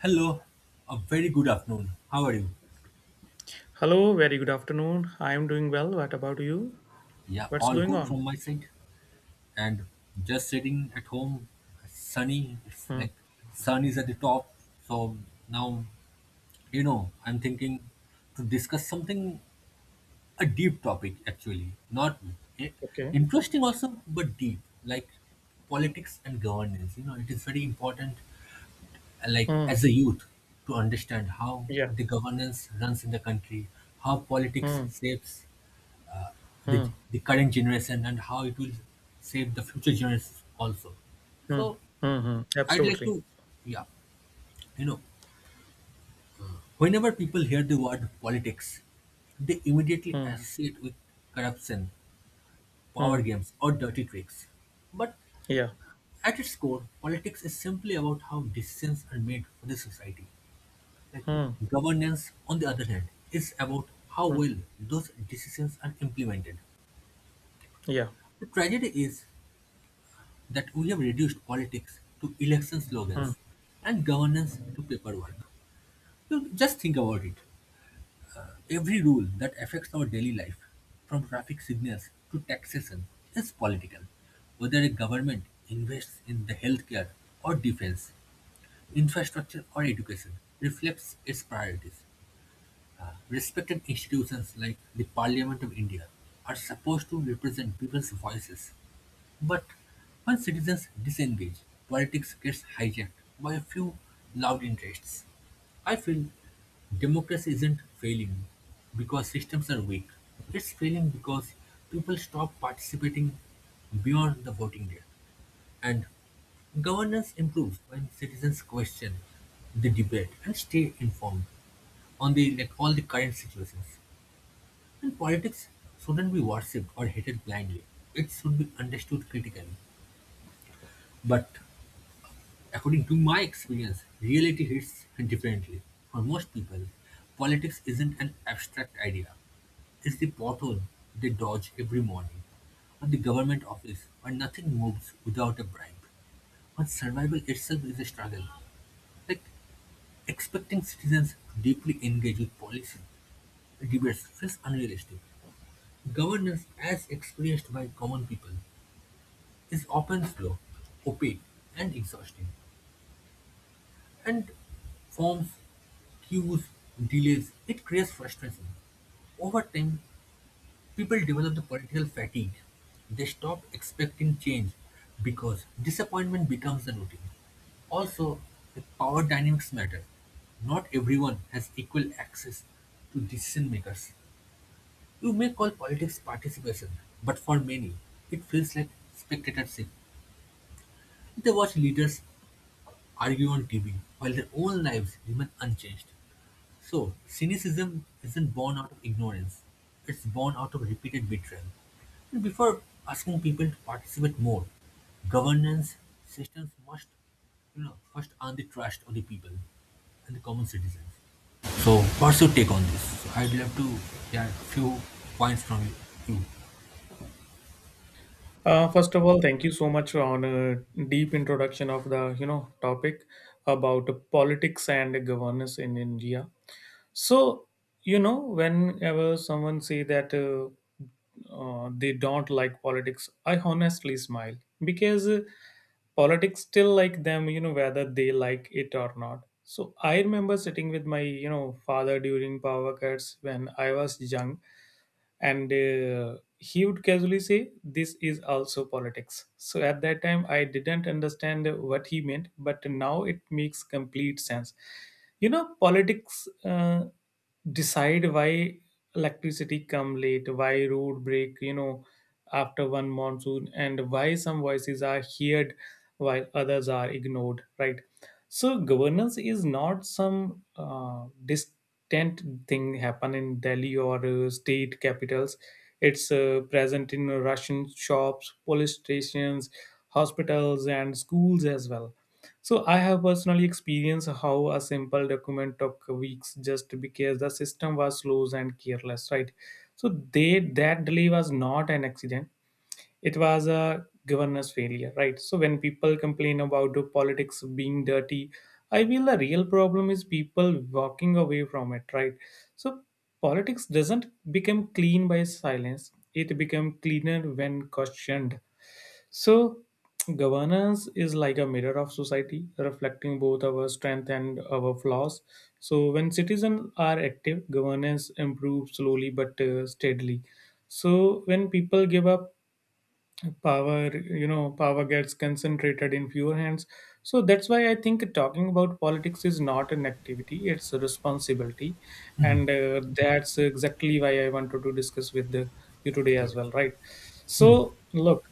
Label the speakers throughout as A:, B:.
A: Hello, a very good afternoon. How are you?
B: Hello, very good afternoon. I am doing well. What about you?
A: Yeah,
B: What's
A: all
B: going
A: good
B: on?
A: from my side. And just sitting at home, sunny, it's
B: Hmm.
A: like sun is at the top. So now, I'm thinking to discuss something, a deep topic actually. Not eh,
B: Okay.
A: interesting also, but deep, like politics and governance. You know, it is very important, like as
B: Hmm.
A: a youth, to understand how
B: Yeah.
A: the governance runs in the country, how politics
B: Hmm.
A: shapes the
B: Hmm.
A: the current generation and how it will save the future generations also.
B: Hmm.
A: So
B: Hmm. Hmm.
A: I'd like
B: Absolutely.
A: to, yeah, you know, whenever people hear the word politics, they immediately
B: Hmm.
A: associate with corruption, power
B: Hmm.
A: games, or dirty tricks. But
B: Yeah.
A: at its core, politics is simply about how decisions are made for the society. Like
B: Hmm.
A: governance, on the other hand, is about how
B: Hmm.
A: well those decisions are implemented.
B: Yeah.
A: The tragedy is that we have reduced politics to election
B: Hmm.
A: slogans and governance to paperwork. You just think about it. Every rule that affects our daily life, from traffic signals to taxation, is political. Whether a government invests in the healthcare or defense, infrastructure or education, reflects its priorities respected institutions like the Parliament of India are supposed to represent people's voices. But when citizens disengage, politics gets hijacked by a few loud interests. I feel democracy isn't failing because systems are weak. It's failing because people stop participating beyond the voting day. And governance improves when citizens question the debate and stay informed on the like all the current situations. And politics shouldn't be worshipped or hated blindly. It should be understood critically. But according to my experience, reality hits differently. For most people, politics isn't an abstract idea. It's the pothole they dodge every morning, or the government office where nothing moves without a bribe. But survival itself is a struggle, like expecting citizens to deeply engage with policy debates feels unrealistic. Governance, as experienced by common people, is often slow, opaque, and exhausting, and forms queues, delays, it creates frustration. Over time, people develop the political fatigue. They stop expecting change because disappointment becomes the routine. Also, the power dynamics matter. Not everyone has equal access to decision makers. You may call politics participation, but for many, it feels like spectatorship. They watch leaders argue on TV while their own lives remain unchanged. So, cynicism isn't born out of ignorance, it's born out of repeated betrayal. And before asking people to participate more, governance systems must, first earn the trust of the people and the common citizens. So, what's your take on this? So, I'd love to hear a few points from you.
B: First of all, thank you so much on a deep introduction of the topic about politics and governance in India. So, whenever someone say that, they don't like politics, I honestly smile because, politics still like them, whether they like it or not. So I remember sitting with my, father during power cuts when I was young, and, he would casually say this is also politics. So at that time I didn't understand what he meant, but now it makes complete sense. You know, politics, decide why electricity come late, why road break, after one monsoon, and why some voices are heard while others are ignored, right? So governance is not some, distant thing happen in Delhi or, state capitals. It's, present in Russian shops, police stations, hospitals, and schools as well. So I have personally experienced how a simple document took weeks just because the system was slow and careless, right? So they that delay was not an accident, it was a governance failure, right? So when people complain about the politics being dirty, I feel the real problem is people walking away from it, right? So politics doesn't become clean by silence; it becomes cleaner when questioned. So governance is like a mirror of society, reflecting both our strength and our flaws. So when citizens are active, governance improves slowly but, steadily. So when people give up power, power gets concentrated in fewer hands. So that's why I think talking about politics is not an activity, it's a responsibility. And, that's exactly why I wanted to discuss with, you today as
A: Yes,
B: well, right? So, look,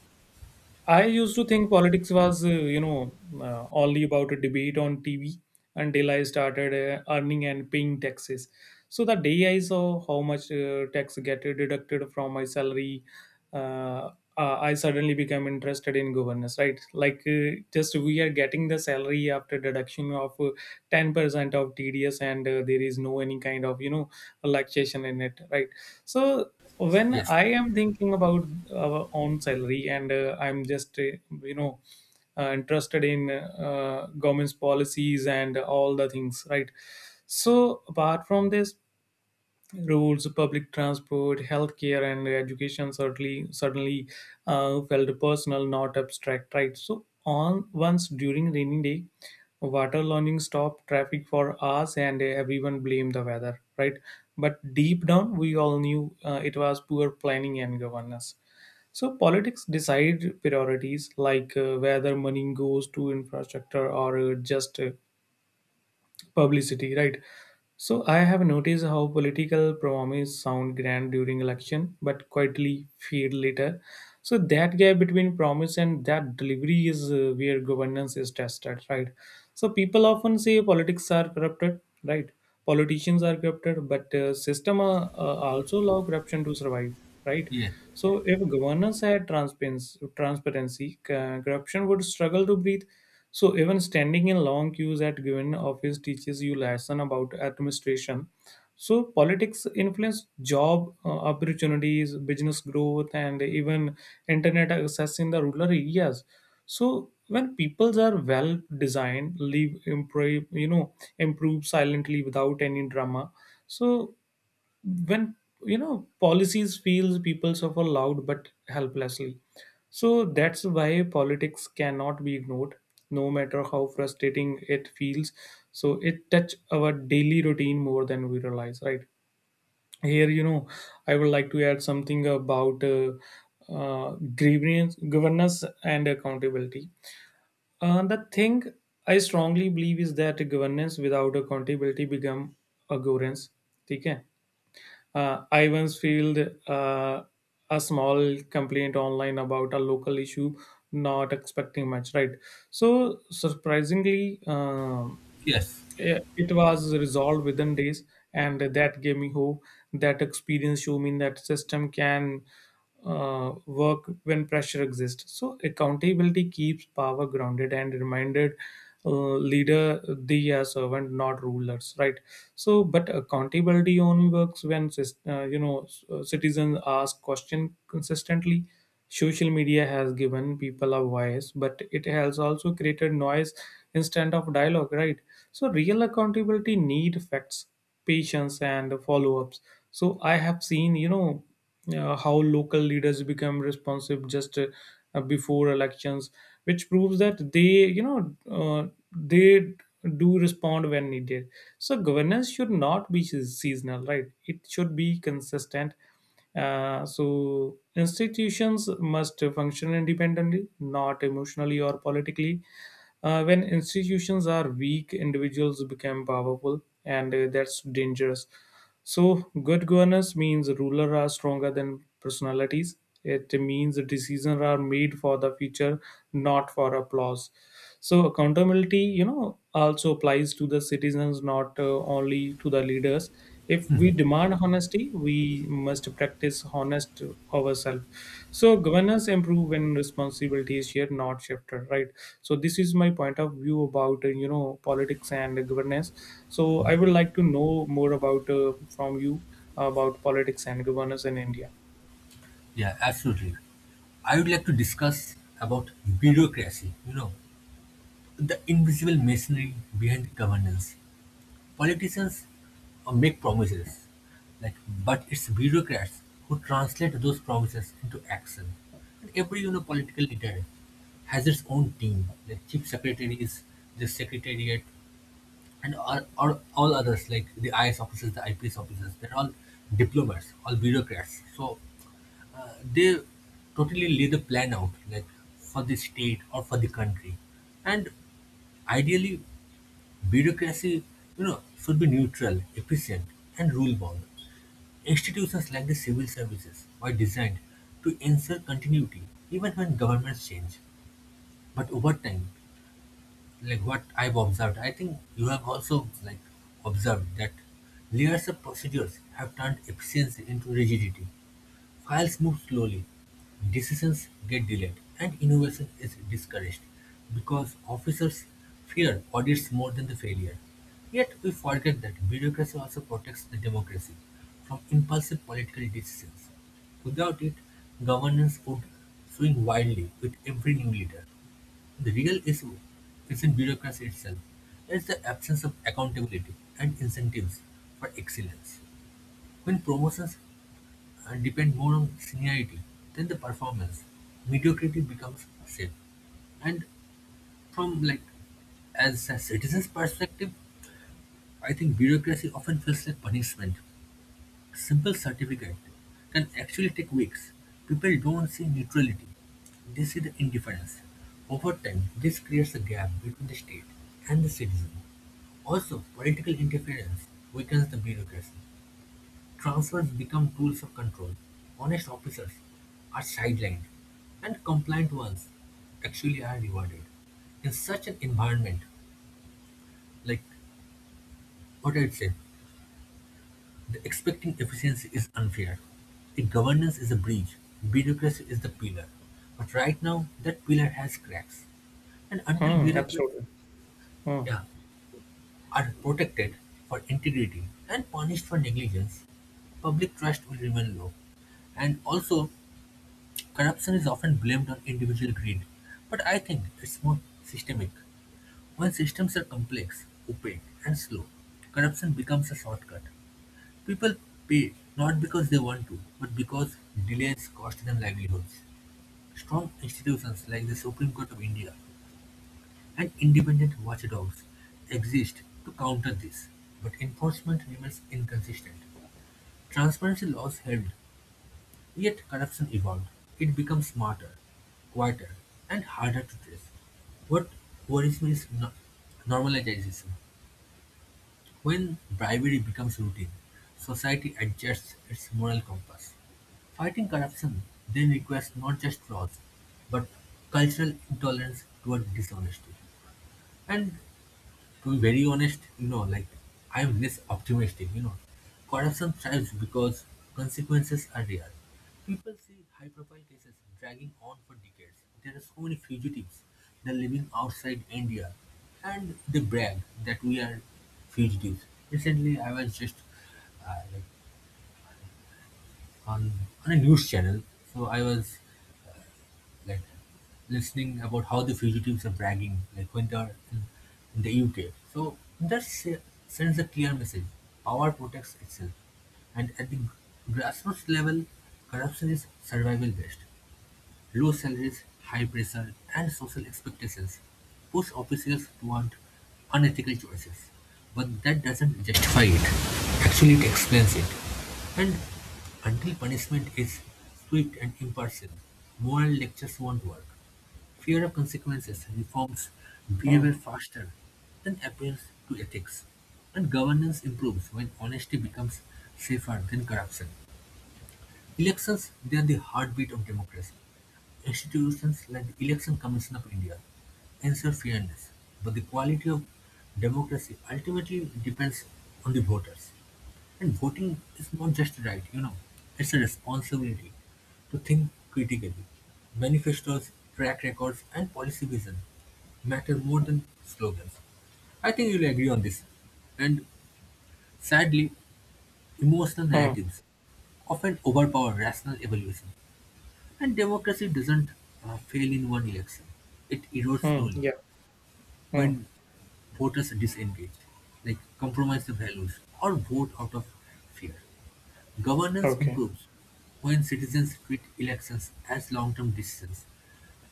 B: I used to think politics was, only about a debate on TV until I started, earning and paying taxes. So the day I saw how much, tax get deducted from my salary, uh, I suddenly became interested in governance. Right, like, just we are getting the salary after deduction of, 10% of TDS, and, there is no any kind of, relaxation in it. Right, so when
A: yes,
B: I am thinking about our own salary and, I'm just you know interested in, government's policies and all the things, right? So apart from this, roads, public transport, healthcare, and education certainly suddenly, felt personal, not abstract, right? So on once during rainy day, water learning stopped traffic for hours, and everyone blamed the weather, right? But deep down, we all knew, it was poor planning and governance. So politics decide priorities, like, whether money goes to infrastructure or, just publicity, right? So I have noticed how political promises sound grand during election but quietly fade later. So that gap between promise and that delivery is, where governance is tested, right? So people often say politics are corrupted, right? Politicians are corrupted, but, system, also allow corruption to survive, right?
A: yes,
B: So if governance had transparency, corruption would struggle to breathe. So even standing in long queues at given office teaches you lesson about administration. So politics influence job, opportunities, business growth, and even internet access in the rural areas. So when peoples are well designed, live improve you know improve silently without any drama. So when, policies feels people suffer loud but helplessly. So that's why politics cannot be ignored no matter how frustrating it feels. So it touch our daily routine more than we realize, right? Here, I would like to add something about, uh, governance and accountability. Uh, the thing I strongly believe is that governance without accountability become a governance. ठीक है. I once filed, uh, a small complaint online about a local issue, not expecting much, right? So, surprisingly,
A: yes,
B: It was resolved within days, and that gave me hope. That experience showed me that system can, work when pressure exists. So accountability keeps power grounded and reminded, leader they are servant, not rulers, right? So, but accountability only works when citizens ask question consistently. Social media has given people a voice, but it has also created noise instead of dialogue, right? So, real accountability need facts, patience, and follow-ups. So, I have seen, how local leaders become responsive just, before elections, which proves that they do respond when needed. So, governance should not be seasonal, right? It should be consistent, so institutions must function independently, not emotionally or politically. When institutions are weak, individuals become powerful, and, that's dangerous. So, good governance means rulers are stronger than personalities. It means decisions are made for the future, not for applause. So accountability, also applies to the citizens, not, only to the leaders. If we demand honesty, we must practice honest ourselves. So governance improve when responsibility is shared, not shifted, right? So this is my point of view about, politics and governance. So I would like to know more about, from you about politics and governance in India.
A: yeah, absolutely. I would like to discuss about bureaucracy, the invisible machinery behind governance. Politicians make promises, like, but it's bureaucrats who translate those promises into action. And every political leader has its own team. The chief secretary is the secretariat, and all others like the IS officers, the IPS officers, they're all diplomats, all bureaucrats. So they totally lay the plan out like for the state or for the country and ideally bureaucracy should be neutral efficient and rule bound institutions like the civil services were designed to ensure continuity even when governments change. But over time, like what I've observed, I think you have also like observed that layers of procedures have turned efficiency into rigidity. Files move slowly, decisions get delayed, and innovation is discouraged because officers fear audits more than the failure. Yet we forget that bureaucracy also protects the democracy from impulsive political decisions. Without it, governance would swing wildly with every new leader. The real issue isn't bureaucracy itself, it's the absence of accountability and incentives for excellence. When promotions depend more on seniority than the performance. Mediocrity becomes safe. And from like as a citizen's perspective, I think bureaucracy often feels like punishment. Simple certificate can actually take weeks. People don't see neutrality. They see the indifference. Over time, this creates a gap between the state and the citizen. Also, political interference weakens the bureaucracy. Transfers become tools of control. Honest officers are sidelined, and compliant ones actually are rewarded. In such an environment, like what I'd say, the expecting efficiency is unfair. If governance is a breach, bureaucracy is the pillar. But right now, that pillar has cracks. And until
B: Hmm,
A: bureaucrats,
B: absolutely. Hmm,
A: yeah, are protected for integrity and punished for negligence, public trust will remain low. And also, corruption is often blamed on individual greed, but I think it's more systemic. When systems are complex, opaque, and slow, corruption becomes a shortcut. People pay not because they want to, but because delays cost them livelihoods. Strong institutions like the Supreme Court of India and independent watchdogs exist to counter this, but enforcement remains inconsistent. Transparency laws helped, yet corruption evolved; it becomes smarter, quieter, and harder to trace. What worries me is normalization. When bribery becomes routine, society adjusts its moral compass. Fighting corruption then requires not just laws, but cultural intolerance toward dishonesty. And to be very honest, like I'm less optimistic, Corruption thrives because consequences are rare. People see high profile cases dragging on for decades. There are so many fugitives. They're living outside India and they brag that we are fugitives. Recently, I was just like on, on a news channel, so I was like listening about how the fugitives are bragging, like when they're in the UK. So that sends a clear message: power protects itself, and at the grassroots level, corruption is survival based. Low salaries, high pressure, and social expectations push officials toward unethical choices. But that doesn't justify it. Actually, it explains it. And until punishment is swift and impartial, moral lectures won't work. Fear of consequences reforms
B: hmm,
A: behavior faster than appeals to ethics. And governance improves when honesty becomes safer than corruption. Elections, they are the heartbeat of democracy. Institutions like the Election Commission of India ensure fairness, but the quality of democracy ultimately depends on the voters. And voting is not just a right, it's a responsibility to think critically. Manifestos, track records, and policy vision matter more than slogans. I think you'll agree on this. And sadly, emotional
B: hmm,
A: narratives often overpower rational evaluation. And democracy doesn't fail in one election. It erodes
B: hmm,
A: slowly
B: yeah. Hmm,
A: when voters are disengaged, like compromise their values or vote out of fear. Governance
B: okay.
A: improves when citizens treat elections as long-term decisions,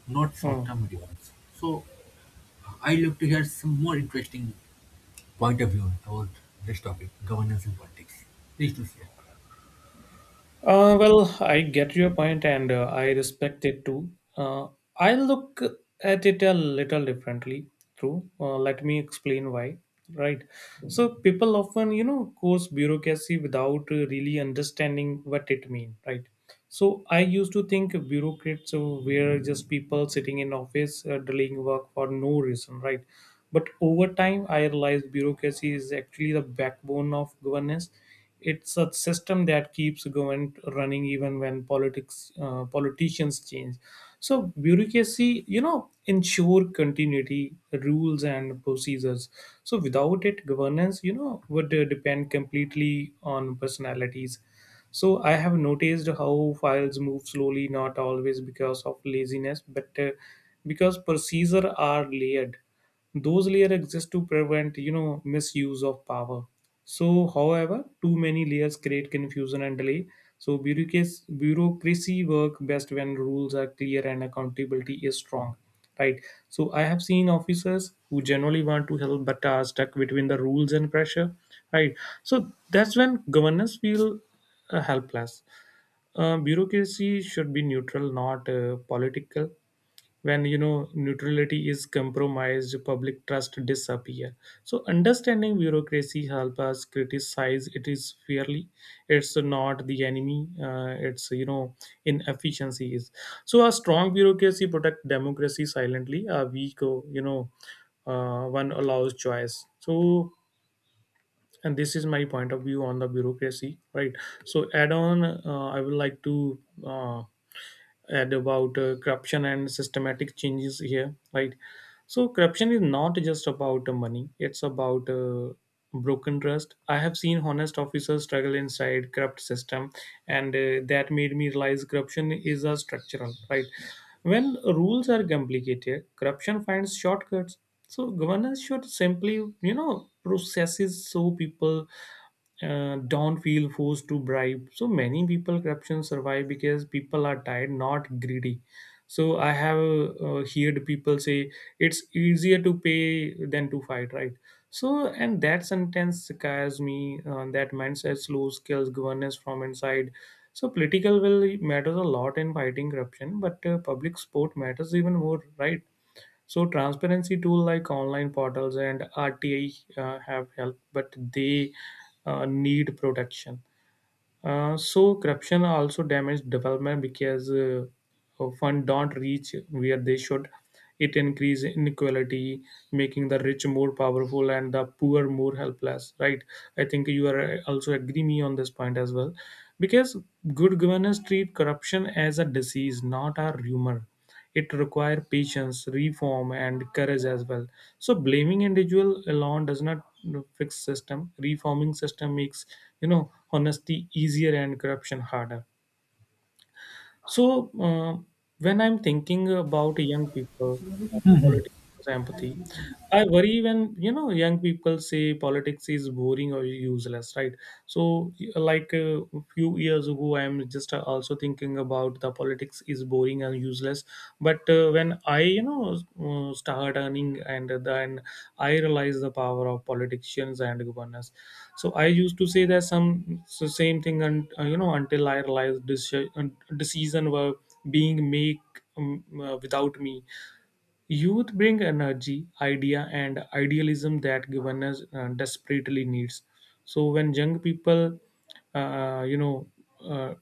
A: not
B: Hmm.
A: short-term rewards. So I look to hear some more interesting point of view about this topic, governance and politics. Please do share.
B: Well, I get your point and, I respect it too. Uh, I look at it a little differently, true. Let me explain why, right? So, people often, course bureaucracy without, really understanding what it means, right? So I used to think bureaucrats were just people sitting in office, delaying work for no reason, right? But over time, I realized bureaucracy is actually the backbone of governance. It's a system that keeps government running even when politics politicians change. So bureaucracy, ensure continuity, rules and procedures. So without it, governance, would, depend completely on personalities. So I have noticed how files move slowly, not always because of laziness, but, because procedures are layered. Those layers exist to prevent, misuse of power. So however too many layers create confusion and delay. So bureaucracy work best when rules are clear and accountability is strong, right? So I have seen officers who generally want to help but are stuck between the rules and pressure, right? So that's when governors feel, helpless. Uh, bureaucracy should be neutral, not, political. When, neutrality is compromised, public trust disappear. So understanding bureaucracy help us criticize it is fairly. It's not the enemy, it's, inefficiency. So a strong bureaucracy protect democracy silently. A weak, one allows choice. So and this is my point of view on the bureaucracy, right? So add on, I would like to, uh, add about, corruption and systematic changes here, right? So corruption is not just about the money, it's about, broken trust. I have seen honest officers struggle inside corrupt system, and, that made me realize corruption is a structural, right? When rules are complicated, corruption finds shortcuts. So governance should simply, processes so people, don't feel forced to bribe. So many people corruption survive because people are tired, not greedy. So I have, heard people say it's easier to pay than to fight, right? So and that sentence scares me. That mindset slows kills governance from inside. So political will matters a lot in fighting corruption, but, public support matters even more, right? So transparency tool like online portals and RTI, have helped, but they, need protection. So corruption also damaged development because, fund don't reach where they should. It increase inequality, making the rich more powerful and the poor more helpless, right? I think you are, also agree me on this point as well, because good governance treat corruption as a disease, not a rumor. It requires patience reform and courage as well. So blaming individual alone does not fix system. Reforming system makes, honesty easier and corruption harder. So, when I'm thinking about young people, politics, empathy, I worry when, young people say politics is boring or useless, right? So, like a few years ago, I'm just, also thinking about the politics is boring and useless. But when I, start earning and then I realize the power of politicians and governors. So I used to say that some so same thing and until I realized this decision were being make without me. Youth bring energy, idea and idealism that governance desperately needs. So when young people uh, you know uh,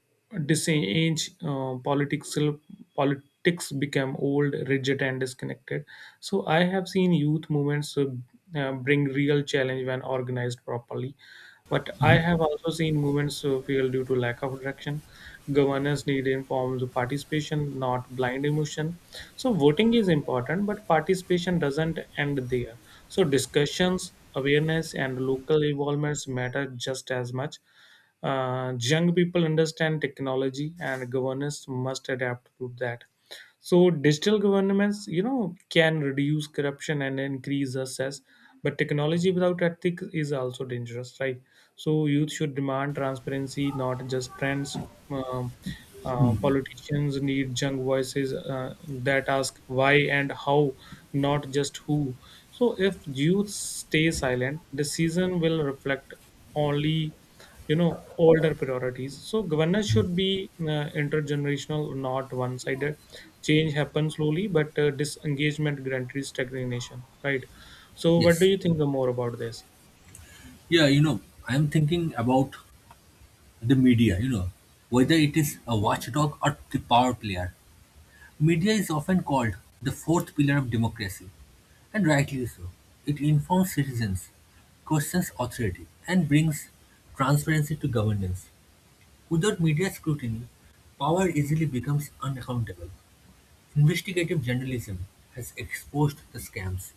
B: disengage political politics become old, rigid and disconnected. So I have seen youth movements bring real challenge when organized properly, but I have also seen movements fail due to lack of direction. Governors need informed participation, not blind emotion. So voting is important, but participation doesn't end there. So discussions, awareness, and local involvements matter just as much. Young people understand technology, and governors must adapt to that. So digital governments, you know, can reduce corruption and increase access, but technology without ethics is also dangerous, right? So youth should demand transparency, not just trends. Um, Politicians need young voices that ask why and how, not just who. So if youth stay silent, decision will reflect only you know older priorities. So governance should be intergenerational, not one sided. Change happens slowly, but disengagement guarantees stagnation, right? So what
A: Yes.
B: do you think the more about this?
A: Yeah, I'm thinking about the media, whether it is a watchdog or the power player. Media is often called the fourth pillar of democracy, and rightly so. It informs citizens, questions authority, and brings transparency to governance. Without media scrutiny, power easily becomes unaccountable. Investigative journalism has exposed the scams,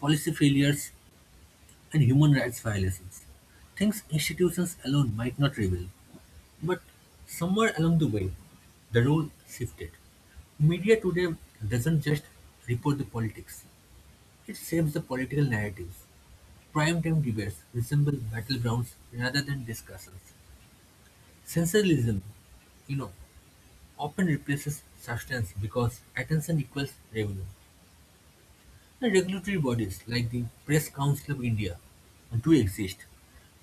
A: policy failures, and human rights violations. Things institutions alone might not reveal. But somewhere along the way, the rule shifted. Media today doesn't just report the politics, it shapes the political narratives. Primetime debates resemble battlegrounds rather than discussions. Sensationalism, you know, often replaces substance because attention equals revenue. The regulatory bodies like the Press Council of India do exist,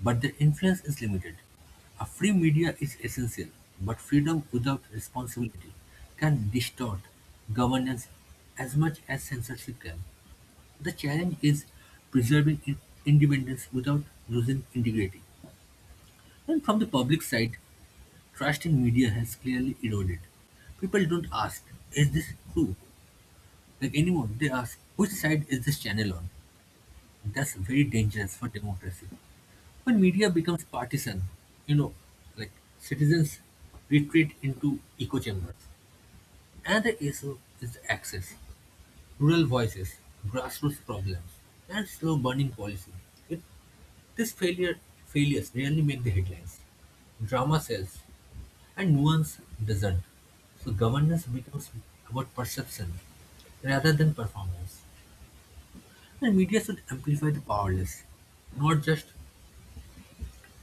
A: but their influence is limited. A free media is essential, but freedom without responsibility can distort governance as much as censorship can. The challenge is preserving independence without losing integrity. And from the public side, trust in media has clearly eroded. People don't ask, is this true? Like anymore, they ask, which side is this channel on? That's very dangerous for democracy. When media becomes partisan, you know, like citizens retreat into echo chambers. Another issue is access, rural voices, grassroots problems, and slow burning policy. It, this failures rarely make the headlines. Drama sells, and nuance doesn't. So governance becomes about perception rather than performance. And media should amplify the powerless, not just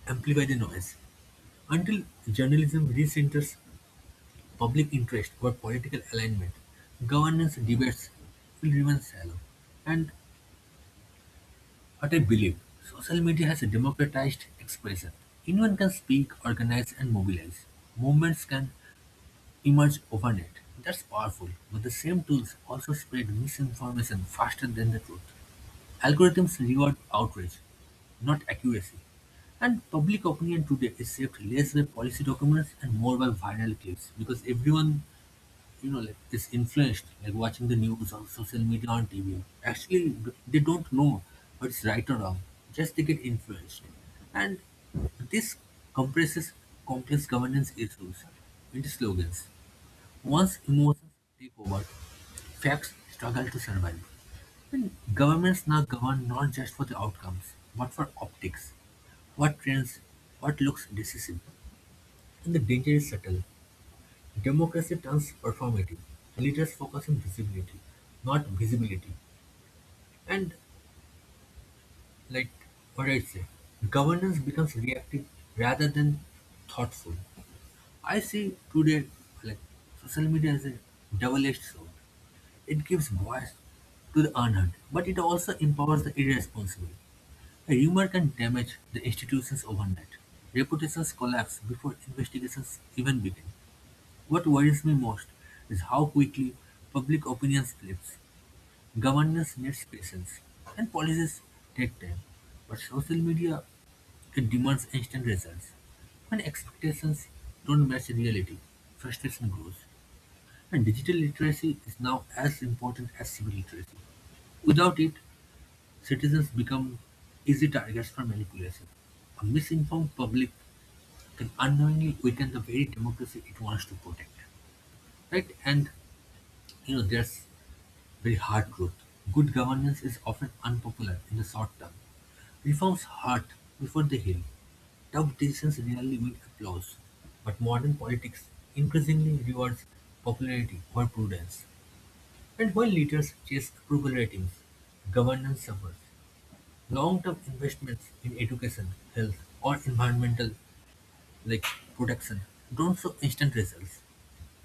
A: amplify the noise. Until journalism recenters public interest or political alignment, governance debates will remain shallow. And what I believe, social media has democratized expression. Anyone can speak, organize, and mobilize. Movements can emerge overnight. That's powerful, but the same tools also spread misinformation faster than the truth. Algorithms reward outrage, not accuracy, and public opinion today is shaped less by policy documents and more by viral clips because everyone, like is influenced, like watching the news on social media on TV. Actually, they don't know what's right or wrong; just they get influenced, and this compresses complex governance issues into slogans. Once emotions take over, facts struggle to survive. And governments now govern not just for the outcomes, but for optics. What trends, what looks decisive, and the danger is subtle. Democracy turns performative. Leaders focus on visibility, not visibility. And like what I say, governance becomes reactive rather than thoughtful. I see today like social media as a double-edged sword. It gives voice to the unheard, but it also empowers the irresponsible. A rumor can damage the institutions overnight. Reputations collapse before investigations even begin. What worries me most is how quickly public opinion flips. Governance needs patience, and policies take time. But social media, it demands instant results. When expectations don't match reality, frustration grows. And digital literacy is now as important as civil literacy. Without it, citizens become easy targets for manipulation. A misinformed public can unknowingly weaken the very democracy it wants to protect. Right? And there's very hard truth. Good governance is often unpopular in the short term. Reforms hurt before they heal. Tough decisions rarely win applause, but modern politics increasingly rewards popularity over prudence. And while leaders chase approval ratings, governance suffers. Long-term investments in education, health, or environmental like protection don't show instant results,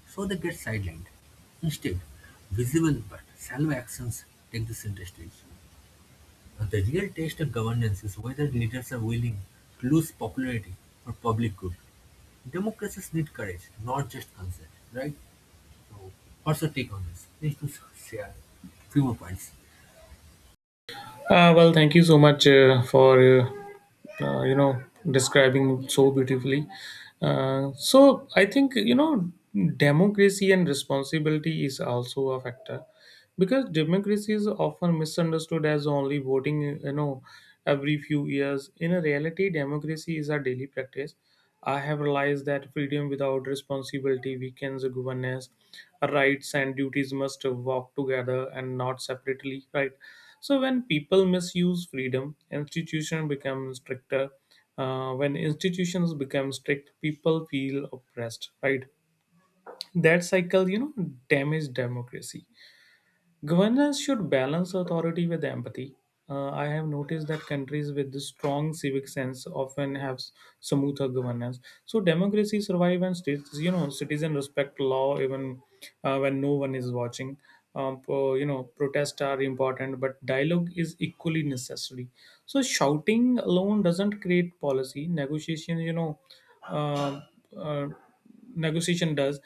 A: so they get sidelined. Instead, visible but salvo actions take the center stage. Now, the real test of governance is whether leaders are willing to lose popularity for public good. Democracies need courage, not just consent, right? So, what's your take on this? Please do share few more points.
B: Well, thank you so much for uh, you know describing so beautifully. Uh, so i think, you know, democracy and responsibility is also a factor, because democracy is often misunderstood as only voting, you know, every few years. In reality democracy is a daily practice. I have realized that freedom without responsibility weakens governance. Rights and duties must walk together and not separately, right? So when people misuse freedom, institutions become stricter. When institutions become strict, people feel oppressed, right? That cycle, you know, damage democracy. Governance should balance authority with empathy. I have noticed that countries with a strong civic sense often have smoother governance. So democracy survive and states, you know, citizen respect law even when no one is watching. You know, protests are important, but dialogue is equally necessary. So shouting alone doesn't create policy. Uh, uh, negotiation does.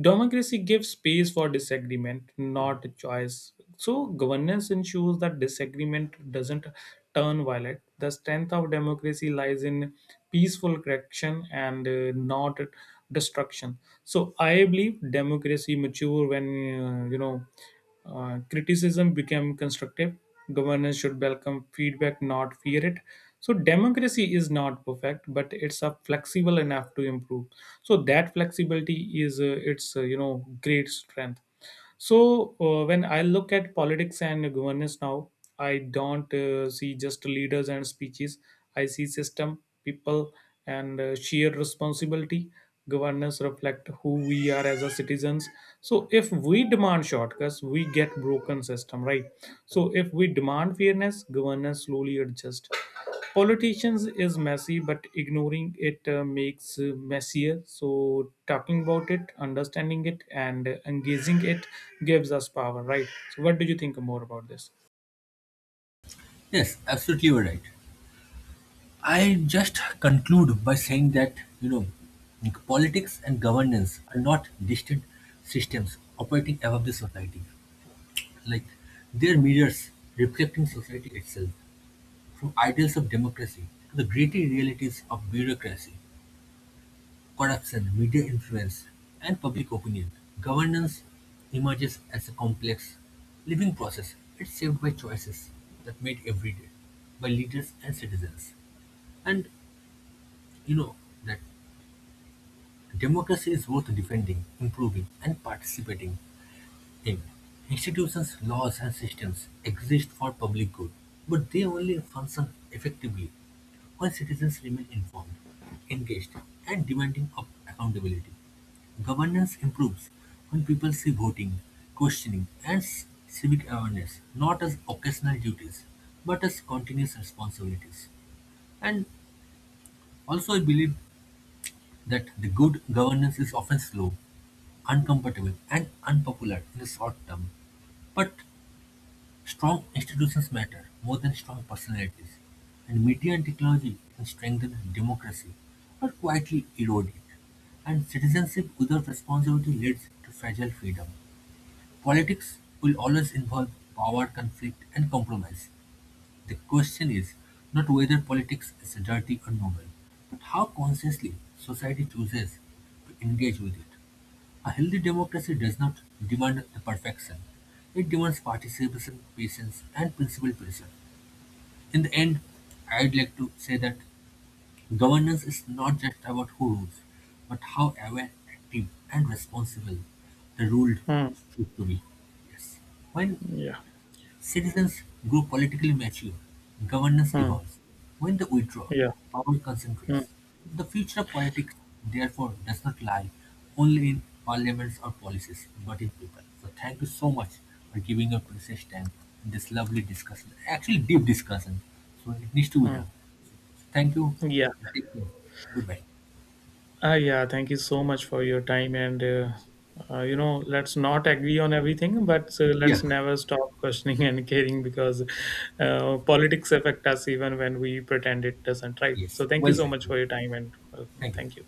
B: Democracy gives space for disagreement, not choice. So governance ensures that disagreement doesn't turn violent. The strength of democracy lies in peaceful correction and not destruction. So I believe democracy mature when uh, you know criticism became constructive. Governance should welcome feedback, not fear it. So democracy is not perfect, but it's a flexible enough to improve. So that flexibility is its great strength. So when I look at politics and governance now, I don't see just leaders and speeches. I see system, people, and shared responsibility. Governance reflect who we are as a citizens. So if we demand shortcuts, we get broken system, right? So if we demand fairness, governance slowly adjust. Politicians is messy, but ignoring it makes messier. So talking about it, understanding it, and engaging it gives us power, right? So what do you think more about this?
A: Yes, absolutely, you're right. I just conclude by saying that, you know, like, politics and governance are not distant systems operating above the society. Like, they're mirrors reflecting society itself, from ideals of democracy to the gritty realities of bureaucracy, corruption, media influence, and public opinion. Governance emerges as a complex, living process. It's shaped by choices that made every day by leaders and citizens. And you know that democracy is worth defending, improving, and participating in. Institutions, laws, and systems exist for public good, but they only function effectively when citizens remain informed, engaged, and demanding of accountability. Governance improves when people see voting, questioning, and civic awareness not as occasional duties but as continuous responsibilities. And also, I believe that the good governance is often slow, uncomfortable, and unpopular in the short term. But strong institutions matter more than strong personalities, and media and technology can strengthen democracy or quietly erode it. And citizenship without responsibility leads to fragile freedom. Politics will always involve power, conflict, and compromise. The question is not whether politics is dirty or noble, but how consciously society chooses to engage with it. A healthy democracy does not demand the perfection. It demands participation, patience, and principled pressure. In the end, I'd like to say that governance is not just about who rules, but how aware, active, and responsible the ruled
B: Hmm.
A: should to be. Yes. When
B: Yeah.
A: citizens grow politically mature, governance
B: Hmm.
A: evolves. When they withdraw,
B: Yeah.
A: power
B: Hmm.
A: concentrates. The future of politics, therefore, does not lie only in parliaments or policies, but in people. So, thank you so much for giving your precious time in this lovely discussion. Actually, deep discussion. So, it needs to be
B: Mm.
A: done. Thank you.
B: Yeah.
A: Take care. Goodbye.
B: Ah, yeah, thank you so much for your time. And, let's not agree on everything, but let's
A: Yeah.
B: never stop questioning and caring, because politics affect us even when we pretend it doesn't, right? So
A: Yes.
B: thank you
A: Well
B: so
A: said.
B: much for your time and welcome.
A: Thank you.
B: Thank you.